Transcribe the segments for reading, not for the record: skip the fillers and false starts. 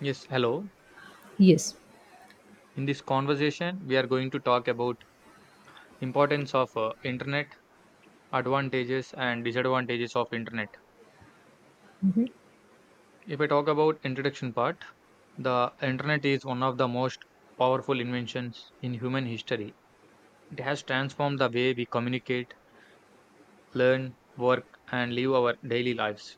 Yes, hello. Yes, In this conversation, we are going to talk about importance of internet, advantages and disadvantages of internet. mhm, If I talk about introduction part, the internet is one of the most powerful inventions in human history. It has transformed the way we communicate, learn, work and live our daily lives.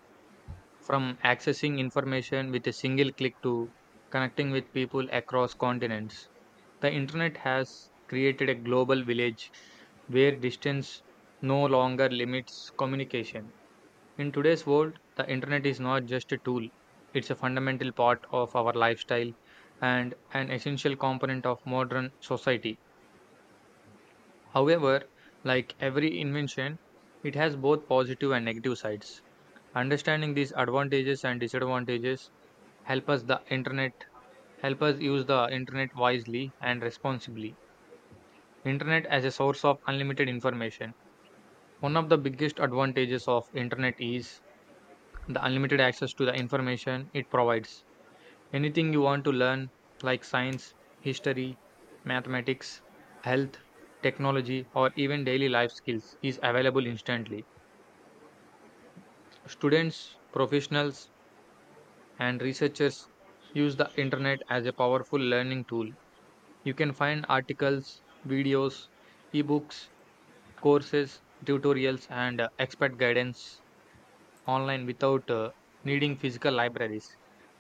From accessing information with a single click to connecting with people across continents. The internet has created a global village where distance no longer limits communication. In today's world, the internet is not just a tool, it's a fundamental part of our lifestyle and an essential component of modern society. However, like every invention, it has both positive and negative sides. Understanding these advantages and disadvantages help us the internet help us use the internet wisely and responsibly. Internet as a source of unlimited information. One of the biggest advantages of internet is the unlimited access to the information it provides. Anything you want to learn like science, history, mathematics, health, technology or even daily life skills is available instantly. Students, professionals and researchers use the internet as a powerful learning tool. You can find articles, videos, ebooks, courses, tutorials and expert guidance online without needing physical libraries.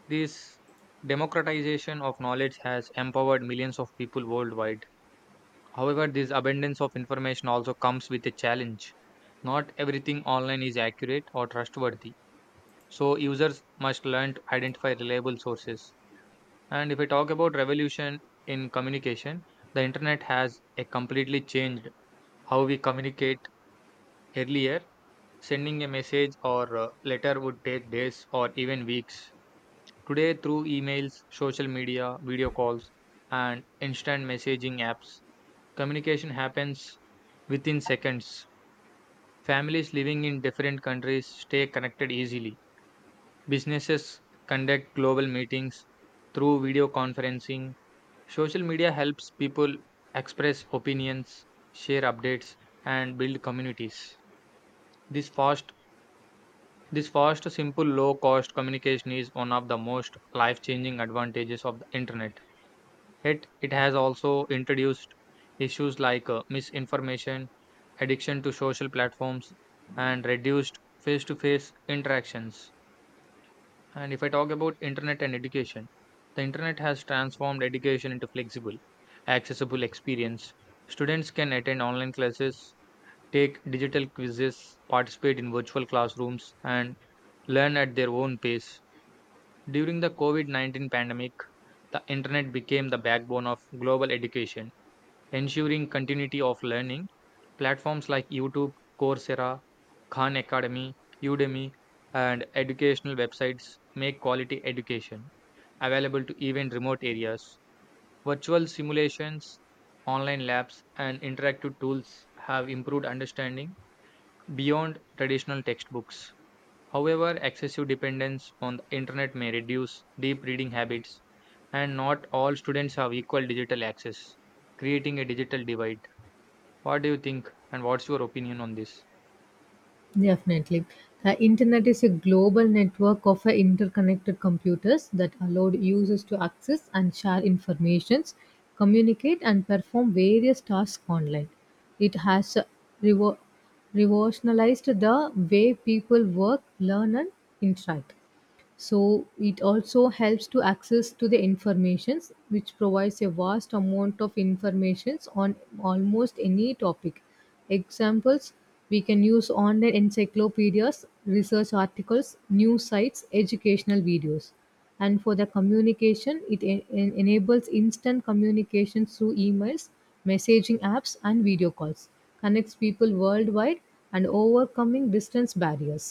This democratization of knowledge has empowered millions of people worldwide. However, this abundance of information also comes with a challenge. Not everything online is accurate or trustworthy, so users must learn to identify reliable sources. And if we talk about revolution in communication, the internet has a completely changed how we communicate earlier. Sending a message or letter would take days or even weeks. Today, through emails, social media, video calls, and instant messaging apps, communication happens within seconds. Families living in different countries stay connected easily. Businesses conduct global meetings through video conferencing. Social media helps people express opinions, share updates, and build communities. This fast this fast, simple, low cost communication is one of the most life changing advantages of the internet. Yet it has also introduced issues like misinformation, addiction to social platforms, and reduced face to face interactions. And if I talk about internet and education, the internet has transformed education into flexible, accessible experience. Students can attend online classes, take digital quizzes, participate in virtual classrooms, and learn at their own pace. During the COVID COVID-19 pandemic, the internet became the backbone of global education ensuring continuity of learning. Platforms like YouTube, Coursera, Khan Academy, Udemy, and educational websites make quality education available to even remote areas. Virtual simulations, online labs, and interactive tools have improved understanding beyond traditional textbooks. However, excessive dependence on the internet may reduce deep reading habits, and not all students have equal digital access, creating a digital divide. What do you think, and what's your opinion on this? definitely. The internet is a global network of interconnected computers that allowed users to access and share informations, communicate, and perform various tasks online. It has revo- revolutionized the way people work, learn, and interact. So it also helps to access to the informations which provides a vast amount of informations on almost any topic. Examples, we can use online encyclopedias, research articles, news sites, educational videos. And for the communication, it enables instant communication through emails, messaging apps, and video calls, connects people worldwide and overcoming distance barriers.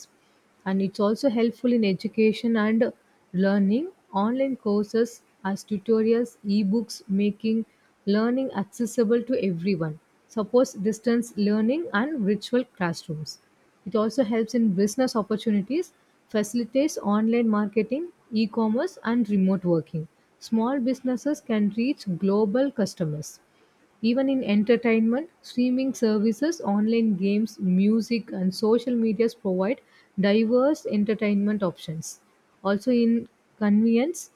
And it's also helpful in education and learning. Online courses as tutorials, ebooks, making learning accessible to everyone. Supports distance learning and virtual classrooms. It also helps in business opportunities, facilitates online marketing, e commerce, and remote working. Small businesses can reach global customers. Even in entertainment, streaming services, online games, music, and social medias provide diverse entertainment options. Also, in convenience,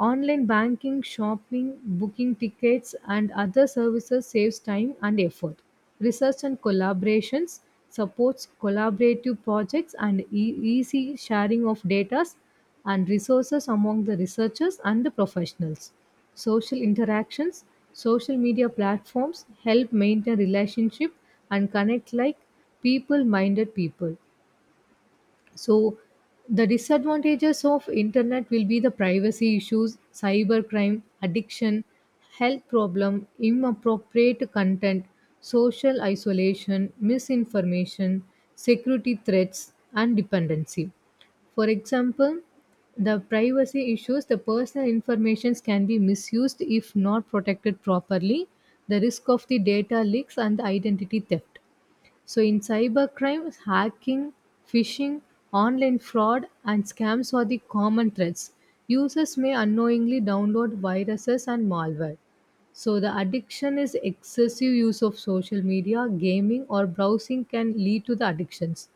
online banking, shopping, booking tickets, and other services saves time and effort. Research and collaborations supports collaborative projects and easy sharing of data and resources among the researchers and the professionals. Social interactions, social media platforms help maintain relationship and connect like people-minded people. So the disadvantages of internet will be the privacy issues, cybercrime, addiction, health problem, inappropriate content, social isolation, misinformation, security threats, and dependency. For example, the privacy issues, the personal informations can be misused if not protected properly, the risk of the data leaks and the identity theft. So, in cybercrime, hacking, phishing, online fraud, and scams are the common threats. Users may unknowingly download viruses and malware. So the addiction is excessive use of social media, gaming, or browsing can lead to the addictions.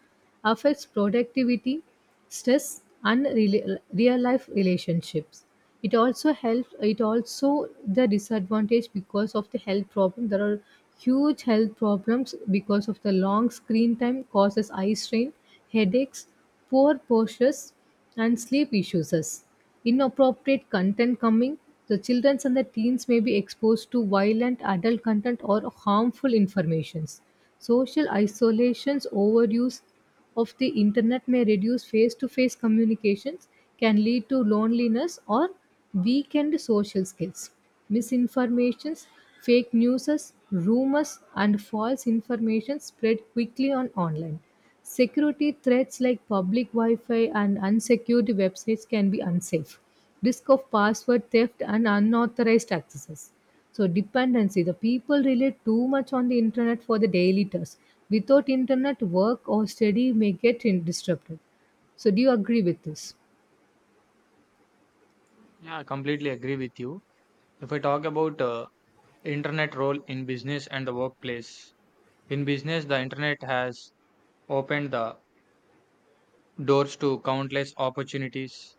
Affects productivity, stress, and real life relationships. It also helps it also the disadvantage because of the health problem. There are huge health problems because of the long screen time causes eye strain, headaches, poor postures, and sleep issues. Inappropriate content coming, the children and the teens may be exposed to violent adult content or harmful informations. Social isolations, overuse of the internet may reduce face-to-face communications, can lead to loneliness or weakened social skills. Misinformations, fake news, rumors, and false information spread quickly on online. Security threats like public Wi Fi and unsecured websites can be unsafe. Risk of password theft and unauthorized accesses. So, dependency, the people rely too much on the internet for the daily tasks. Without internet, work or study may disrupted. So, do you agree with this? Yeah, I completely agree with you. If I talk about internet role in business and the workplace, in business, the internet has opened the doors to countless opportunities.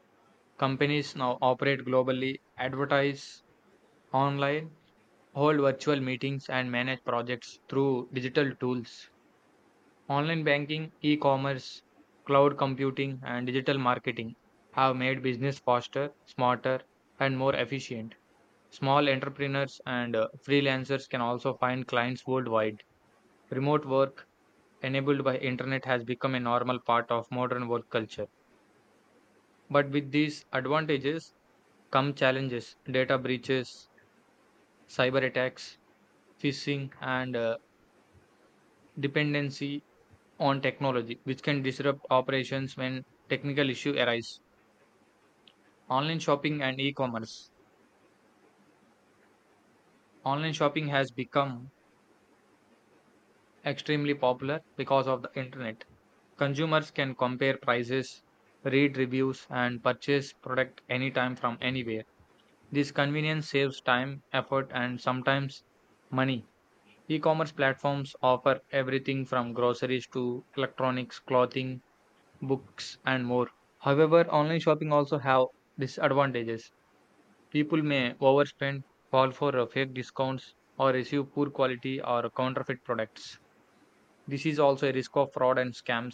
Companies now operate globally, advertise online, hold virtual meetings, and manage projects through digital tools. Online banking, e commerce, cloud computing, and digital marketing have made business faster, smarter, and more efficient. Small entrepreneurs and freelancers can also find clients worldwide. Remote work enabled by internet has become a normal part of modern work culture. But with these advantages come challenges, data breaches, cyber attacks, phishing and dependency on technology which can disrupt operations when technical issues arise. Online shopping and e-commerce. Online shopping has become extremely popular because of the internet. Consumers can compare prices, read reviews, and purchase product anytime from anywhere. This convenience saves time, effort, and sometimes money. E-commerce platforms offer everything from groceries to electronics, clothing, books, and more. However, online shopping also have disadvantages. People may overspend, fall for fake discounts, or receive poor quality or counterfeit products. This is also a risk of fraud and scams.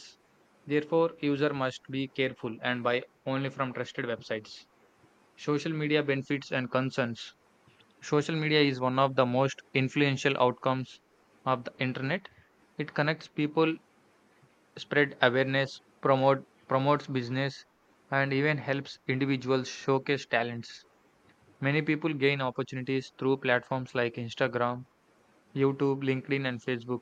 Therefore, user must be careful and buy only from trusted websites. Social media benefits and concerns. Social media is one of the most influential outcomes of the internet. It connects people, spread awareness, promotes business, and even helps individuals showcase talents. Many people gain opportunities through platforms like Instagram, YouTube, LinkedIn, and Facebook.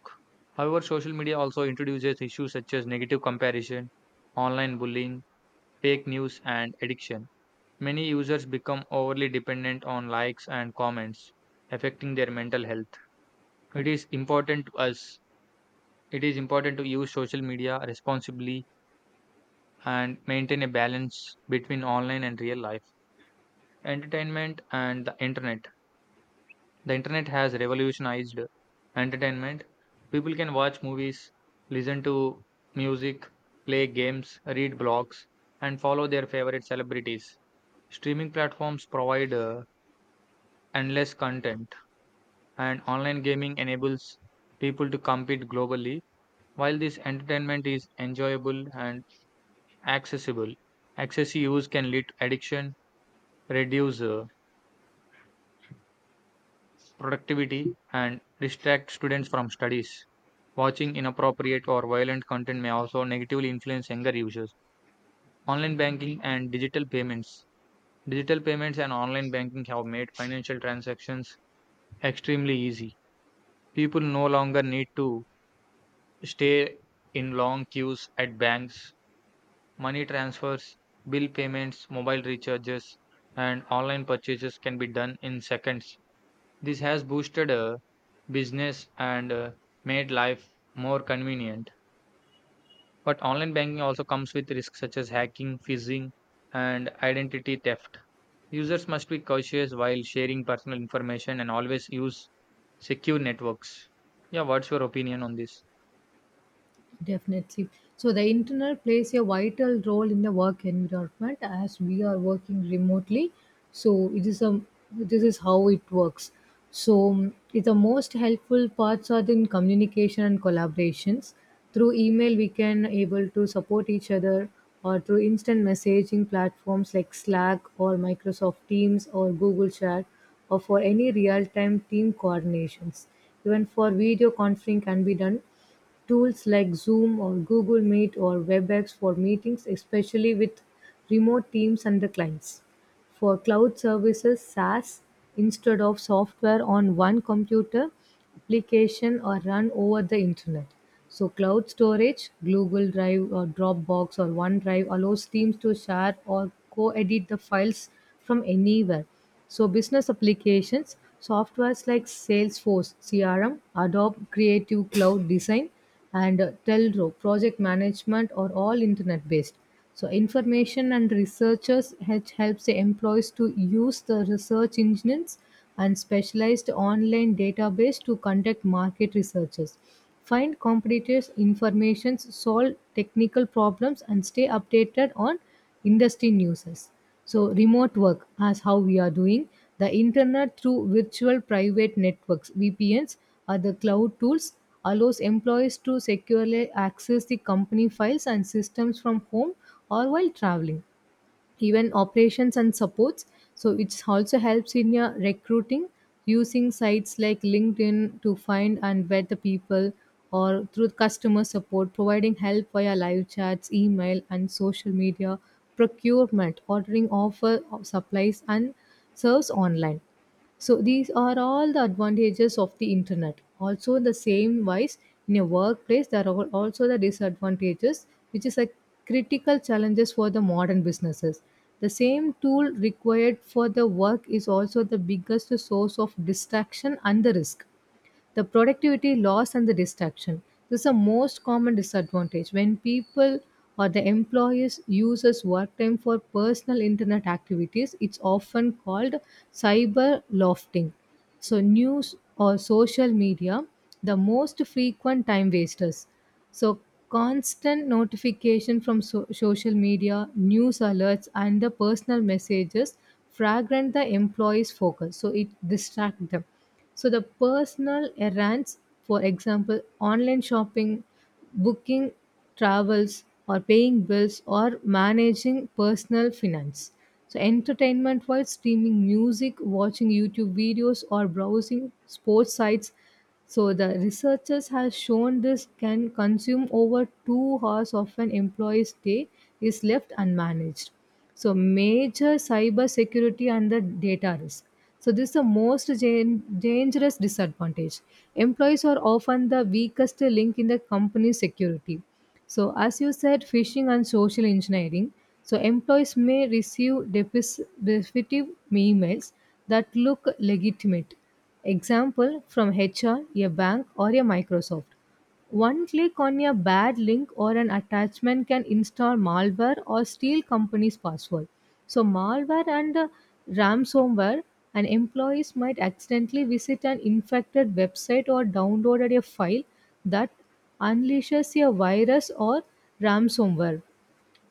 However, social media also introduces issues such as negative comparison, online bullying, fake news, and addiction. Many users become overly dependent on likes and comments, affecting their mental health. It is important to us. It is important to use social media responsibly and maintain a balance between online and real life, entertainment, and the internet. The internet has revolutionized entertainment. People can watch movies, listen to music, play games, read blogs, and follow their favorite celebrities. Streaming platforms provide endless content, and online gaming enables people to compete globally. While this entertainment is enjoyable and accessible, excessive use can lead to addiction, reduce productivity and distract students from studies. Watching inappropriate or violent content may also negatively influence younger users. Online banking and digital payments. Digital payments and online banking have made financial transactions extremely easy. People no longer need to stay in long queues at banks. Money transfers, bill payments, mobile recharges, and online purchases can be done in seconds. This has boosted business and made life more convenient. But online banking also comes with risks such as hacking, phishing, and identity theft. Users must be cautious while sharing personal information and always use secure networks. Yeah, what's your opinion on this? Definitely. So the internet plays a vital role in the work environment as we are working remotely. So it is a, this is how it works. So the most helpful parts are in communication and collaborations. Through email, we can able to support each other, or through instant messaging platforms like Slack or Microsoft Teams or Google Chat, or for any real-time team coordinations. Even for video conferencing can be done. Tools like Zoom or Google Meet or WebEx for meetings, especially with remote teams and the clients. For cloud services, SaaS, instead of software on one computer, application or run over the internet. So cloud storage, Google Drive or Dropbox or OneDrive allows teams to share or co-edit the files from anywhere. So, business applications, softwares like Salesforce, CRM, Adobe Creative Cloud Design, and Telro, project management, are all internet based. So, information and researchers helps the employees to use the research engines and specialized online database to conduct market researches, find competitors informations, solve technical problems, and stay updated on industry news. So, remote work, as how we are doing, the internet through virtual private networks (VPNs) or the cloud tools allows employees to securely access the company files and systems from home or while traveling. Even operations and supports, so it also helps in your recruiting, using sites like LinkedIn to find and vet the people, or through customer support providing help via live chats, email, and social media, procurement ordering offer of supplies and serves online. So these are all the advantages of the internet. Also, in the same wise, in a workplace, there are also the disadvantages, which is a critical challenges for the modern businesses. The same tool required for the work is also the biggest source of distraction and the risk, the productivity loss and the distraction. This is the most common disadvantage when people or the employees uses work time for personal internet activities. It's often called cyber lofting. So news or social media, the most frequent time wasters. So constant notification from social media, news alerts, and the personal messages fragment the employees' focus. So it distracts them. So the personal errands, for example, online shopping, booking travels, or paying bills, or managing personal finance. So entertainment wise, streaming music, watching YouTube videos, or browsing sports sites. So the researchers have shown this can consume over 2 hours of an employee's day is left unmanaged. So major cyber security and the data risk. So this is the most dangerous disadvantage. Employees are often the weakest link in the company's security. So as you said, phishing and social engineering. So employees may receive depreciative emails that look legitimate. Example, from HR, a bank, or a Microsoft. One click on a bad link or an attachment can install malware or steal company's password. So, malware and ransomware, and employees might accidentally visit an infected website or downloaded a file that unleashes a virus or ransomware.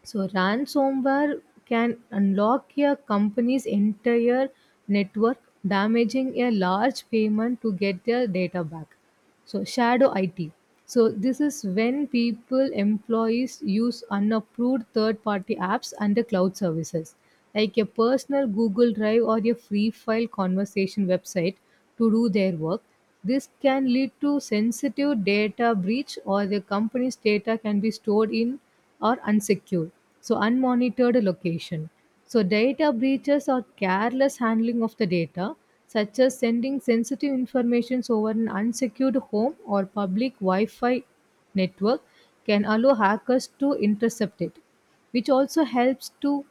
So ransomware can unlock a company's entire network, damaging a large payment to get their data back. So shadow IT. So this is when people, employees use unapproved third-party apps and the cloud services, like a personal Google Drive or a free file conversation website to do their work. This can lead to sensitive data breach, or the company's data can be stored in or unsecured, so unmonitored location. So, data breaches are careless handling of the data, such as sending sensitive information over an unsecured home or public Wi Fi network, can allow hackers to intercept it, which also helps to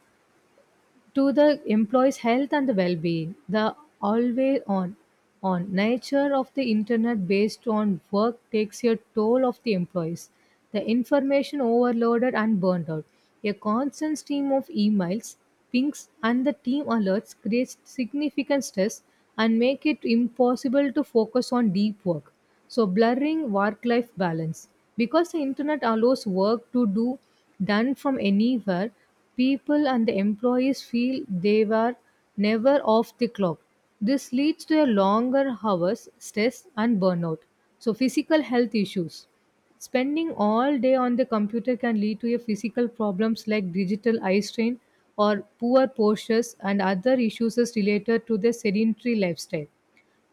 to the employees' health and the well-being. The always on nature of the internet based on work takes a toll of the employees. The information overloaded and burned out. A constant stream of emails, pings, and the team alerts creates significant stress and make it impossible to focus on deep work. So blurring work-life balance. Because the internet allows work to do done from anywhere, people and the employees feel they were never off the clock. This leads to a longer hours, stress, and burnout. So, physical health issues. Spending all day on the computer can lead to a physical problems like digital eye strain or poor postures and other issues is related to the sedentary lifestyle.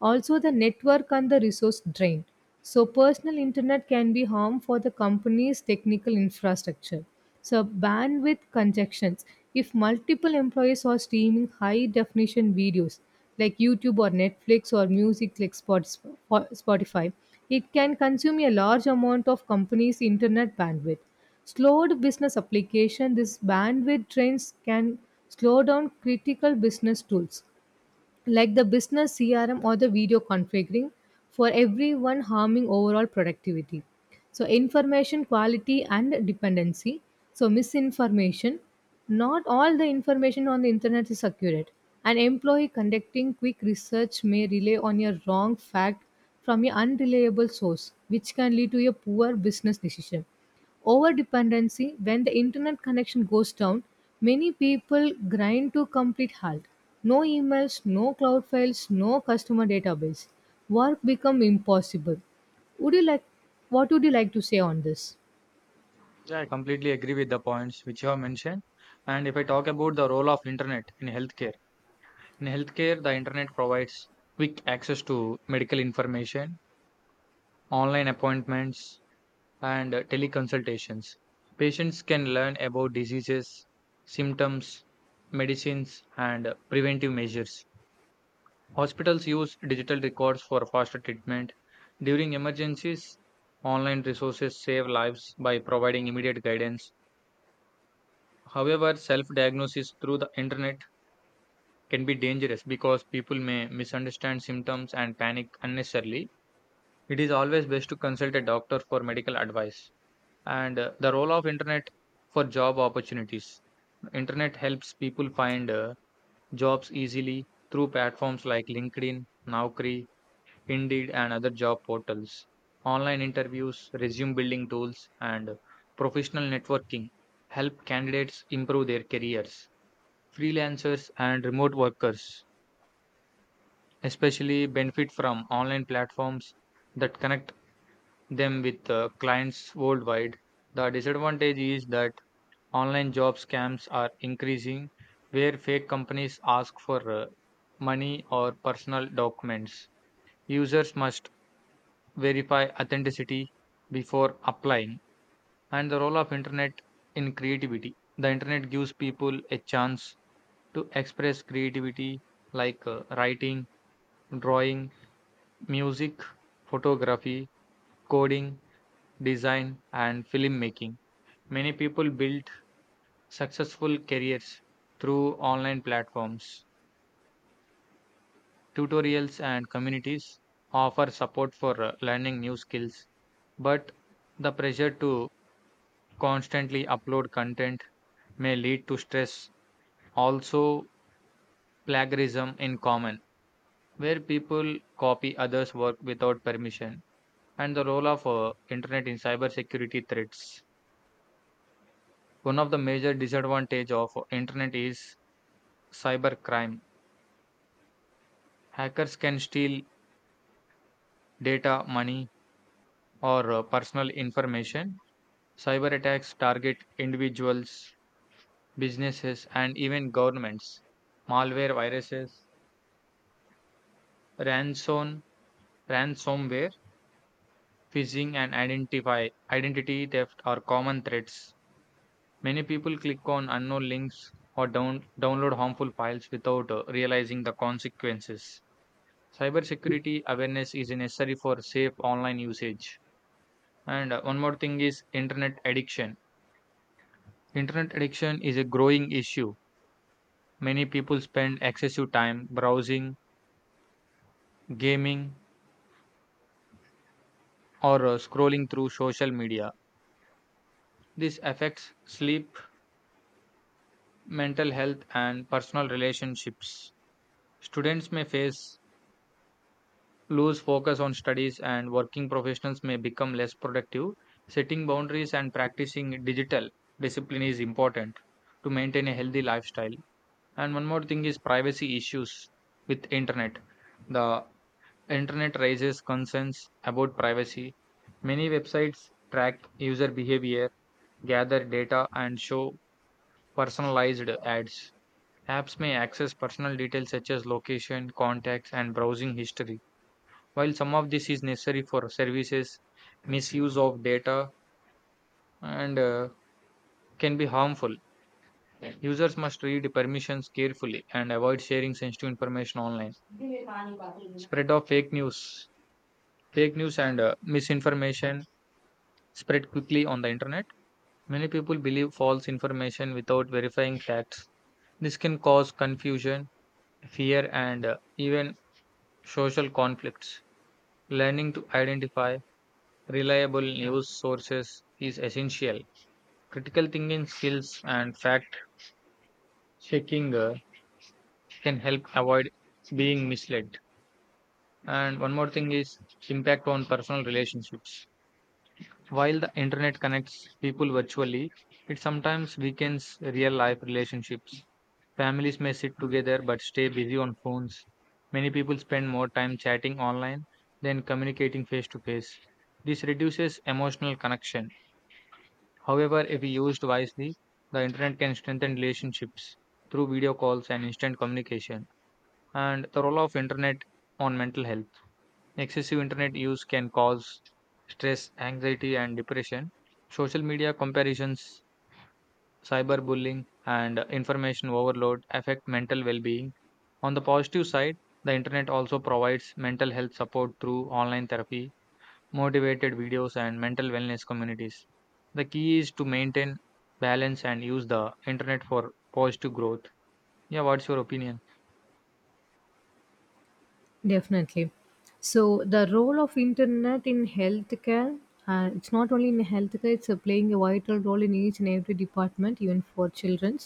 Also, the network and the resource drain. So, personal internet can be harm for the company's technical infrastructure. So, bandwidth congestions. If multiple employees are streaming high definition videos like YouTube or Netflix, or music like Spotify, it can consume a large amount of company's internet bandwidth. Slowed business application, this bandwidth drains can slow down critical business tools like the business CRM or the video configuring for everyone, harming overall productivity. So information quality and dependency. So misinformation. Not all the information on the internet is accurate. An employee conducting quick research may rely on a wrong fact from an unreliable source, which can lead to a poor business decision. Overdependency, when the internet connection goes down, many people grind to complete halt. No emails, no cloud files, no customer database. Work become impossible. Would you like What would you like to say on this? Yeah, I completely agree with the points which you have mentioned. And if I talk about the role of internet in healthcare, the internet provides quick access to medical information, online appointments, and teleconsultations. Patients can learn about diseases, symptoms, medicines, and preventive measures. Hospitals use digital records for faster treatment. During emergencies, online resources save lives by providing immediate guidance. However, self diagnosis through the internet can be dangerous because people may misunderstand symptoms and panic unnecessarily. It is always best to consult a doctor for medical advice. And the role of internet for job opportunities, internet helps people find jobs easily through platforms like LinkedIn, Naukri, Indeed and other job portals. Online interviews, resume building tools, and professional networking help candidates improve their careers. Freelancers and remote workers especially benefit from online platforms that connect them with clients worldwide. The disadvantage is that online job scams are increasing, where fake companies ask for money or personal documents. Users must verify authenticity before applying, and the role of internet in creativity. The internet gives people a chance to express creativity like writing, drawing, music, photography, coding, design, and filmmaking. Many people build successful careers through online platforms. Tutorials and communities offer support for learning new skills, but the pressure to constantly upload content may lead to stress. Also, plagiarism in common, where people copy others' work without permission, and the role of internet in cybersecurity threats. One of the major disadvantage of internet is cybercrime. Hackers can steal data, money, or personal information. Cyber attacks target individuals, businesses, and even governments. Malware viruses, ransom, ransomware, phishing, and identity theft are common threats. Many people click on unknown links or download harmful files without realizing the consequences. Cybersecurity awareness is necessary for safe online usage. And one more thing is internet addiction. Internet addiction is a growing issue. Many people spend excessive time browsing, gaming, or scrolling through social media. This affects sleep, mental health, and personal relationships. Students may face lose focus on studies, and working professionals may become less productive. Setting boundaries and practicing digital discipline is important to maintain a healthy lifestyle. And one more thing is privacy issues with internet. The internet raises concerns about privacy. Many websites track user behavior, gather data, and show personalized ads. Apps may access personal details such as location, contacts, and browsing history. While some of this is necessary for services, misuse of data and can be harmful. Users must read permissions carefully and avoid sharing sensitive information online. Spread of fake news. Fake news and misinformation spread quickly on the internet. Many people believe false information without verifying facts. This can cause confusion, fear, and even social conflicts. Learning to identify reliable news sources is essential. Critical thinking skills and fact checking can help avoid being misled. And one more thing is impact on personal relationships. While the internet connects people virtually, it sometimes weakens real life relationships. Families may sit together but stay busy on phones. Many people spend more time chatting online than communicating face to face. This reduces emotional connection. However, if used wisely, the internet can strengthen relationships through video calls and instant communication and the role of internet on mental health. Excessive internet use can cause stress, anxiety, and depression. Social media comparisons, cyberbullying, and information overload affect mental well being. On the positive side, the internet also provides mental health support through online therapy, motivated videos, and mental wellness communities. The key is to maintain balance and use the internet for positive growth. Yeah, what's your opinion? Definitely. So the role of internet in healthcare, it's not only in healthcare, it's playing a vital role in each and every department, even for children.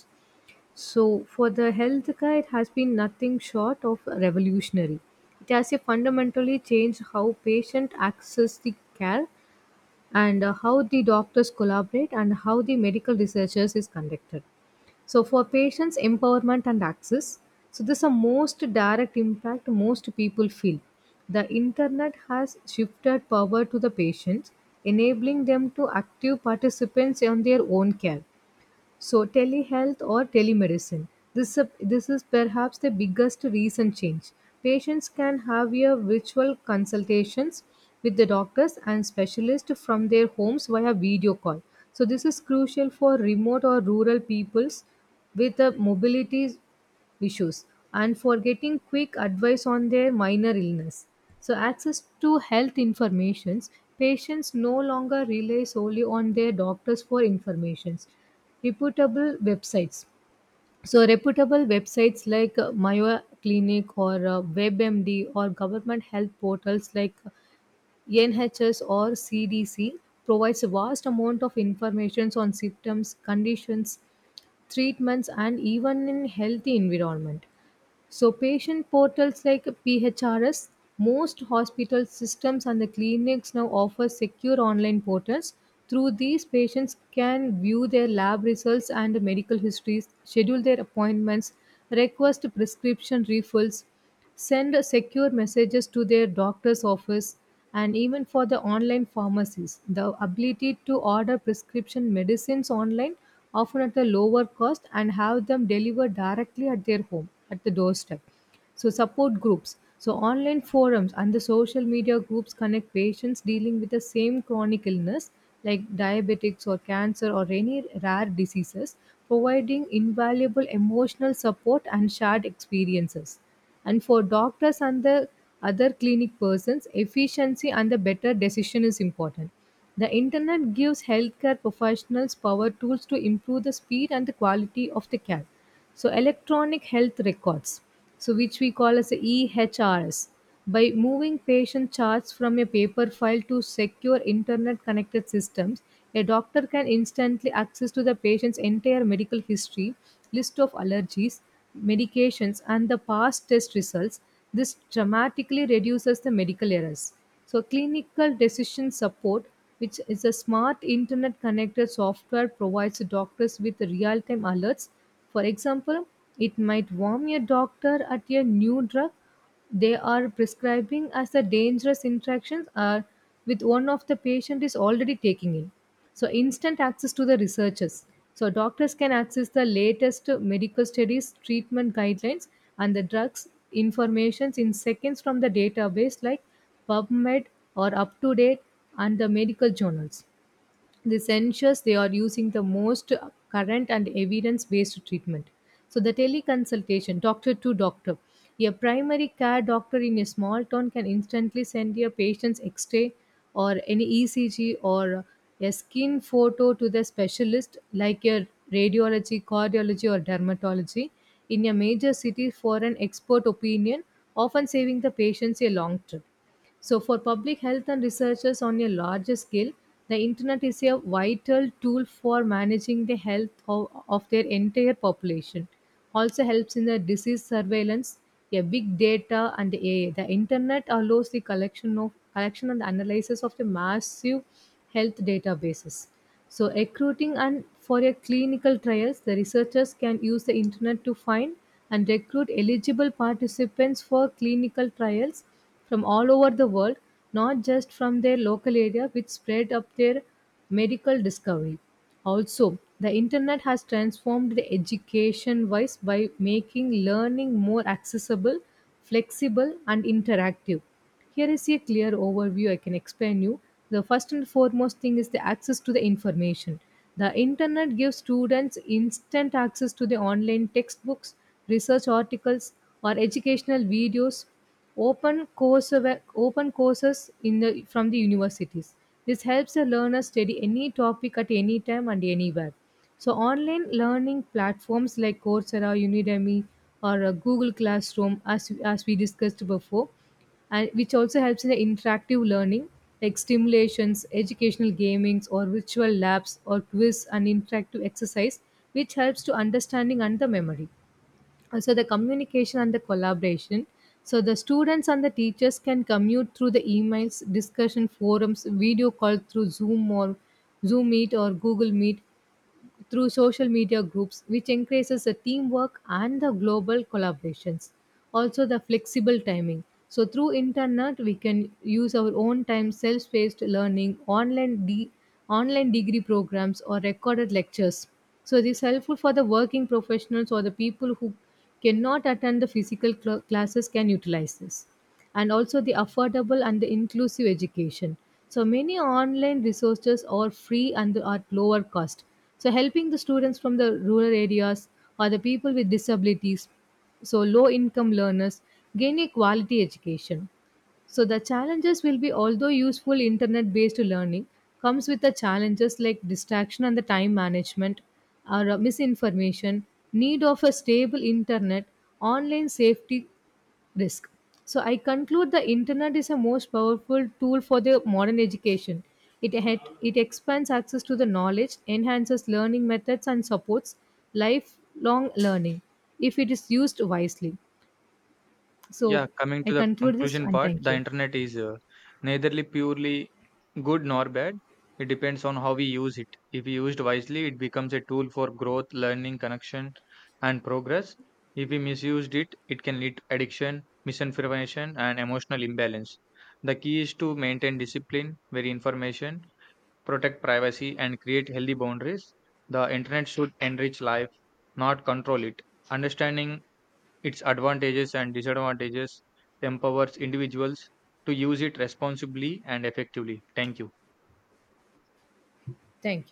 So, for the healthcare, it has been nothing short of revolutionary. It has fundamentally changed how patients access the care, and how the doctors collaborate, and how the medical researchers is conducted. So, for patients' empowerment and access, so this is the most direct impact most people feel. The internet has shifted power to the patients, enabling them to active participants on their own care. So telehealth or telemedicine. This is perhaps the biggest recent change. Patients can have a virtual consultations with the doctors and specialists from their homes via video call. So this is crucial for remote or rural peoples with the mobility issues, and for getting quick advice on their minor illness. So access to health informations, patients no longer rely solely on their doctors for informations. Reputable websites. So reputable websites like Mayo Clinic or WebMD or government health portals like NHS or CDC provides a vast amount of information on symptoms, conditions, treatments and even in healthy environment, so patient portals like PHRS, most hospital systems and the clinics now offer secure online portals. Through these, patients can view their lab results and medical histories, schedule their appointments, request prescription refills, send secure messages to their doctor's office, and even for the online pharmacies, the ability to order prescription medicines online often at a lower cost and have them delivered directly at their home at the doorstep. So, support groups, so online forums and the social media groups connect patients dealing with the same chronic illness like diabetics or cancer or any rare diseases, providing invaluable emotional support and shared experiences. And for doctors and the other clinic persons, efficiency and the better decision is important. The internet gives healthcare professionals power tools to improve the speed and the quality of the care. So, electronic health records, so which we call as the ehrs, by moving patient charts from a paper file to secure internet connected systems, a doctor can instantly access to the patient's entire medical history, list of allergies, medications and the past test results. This dramatically reduces the medical errors. So, clinical decision support, which is a smart internet connected software, provides doctors with real-time alerts. For example, it might warn a doctor at a new drug they are prescribing as the dangerous interactions are with one of the patient is already taking in. So, instant access to the researchers, so doctors can access the latest medical studies, treatment guidelines and the drugs informations in seconds from the database like pubmed or up to date and the medical journals. This ensures they are using the most current and evidence based treatment. So, the teleconsultation, doctor to doctor. A primary care doctor in a small town can instantly send your patient's x ray or any ECG or a skin photo to the specialist like your radiology, cardiology, or dermatology in a major city for an expert opinion, often saving the patients a long trip. So, for public health and researchers on a larger scale, the internet is a vital tool for managing the health of their entire population. Also helps in the disease surveillance, a big data and AI. The internet allows the collection of collection and analysis of the massive health databases. So, recruiting and for your clinical trials, the researchers can use the internet to find and recruit eligible participants for clinical trials from all over the world, not just from their local area, which spread up their medical discovery. Also, the internet has transformed the education wise by making learning more accessible, flexible, and interactive. Here is a clear overview I can explain you. The first and foremost thing is the access to the information. The internet gives students instant access to the online textbooks, research articles, or educational videos, open course open courses from the universities. This helps the learner study any topic at any time and anywhere. So, online learning platforms like Coursera, Udemy, or Google Classroom, as we discussed before, and which also helps in the interactive learning like stimulations, educational gamings, or virtual labs, or quiz and interactive exercise, which helps to understanding and the memory. So the communication and the collaboration, so the students and the teachers can commute through the emails, discussion forums, video call through zoom or zoom meet or google meet, through social media groups, which increases the teamwork and the global collaborations. Also the flexible timing, so through internet we can use our own time, self-paced learning, online degree programs or recorded lectures. So it is helpful for the working professionals or the people who cannot attend the classes can utilize this. And also the affordable and the inclusive education. So many online resources are free and at lower cost, so helping the students from the rural areas or the people with disabilities, so low income learners gain a quality education. So the challenges will be, although useful, internet based learning comes with the challenges like distraction and the time management, or misinformation, need of a stable internet, online safety risk. So I conclude the internet is a most powerful tool for the modern education. It expands access to the knowledge, enhances learning methods and supports lifelong learning if it is used wisely. Yeah, So coming I to the conclude this conclusion and part, thank the you. internet is neitherly purely good nor bad. It depends on how we use it. If we used wisely, it becomes a tool for growth, learning, connection, and progress. If we misused it, it can lead to addiction, misinformation, and emotional imbalance. The key is to maintain discipline, vary information, protect privacy, and create healthy boundaries. The internet should enrich life, not control it. Understanding its advantages and disadvantages empowers individuals to use it responsibly and effectively. Thank you. Thank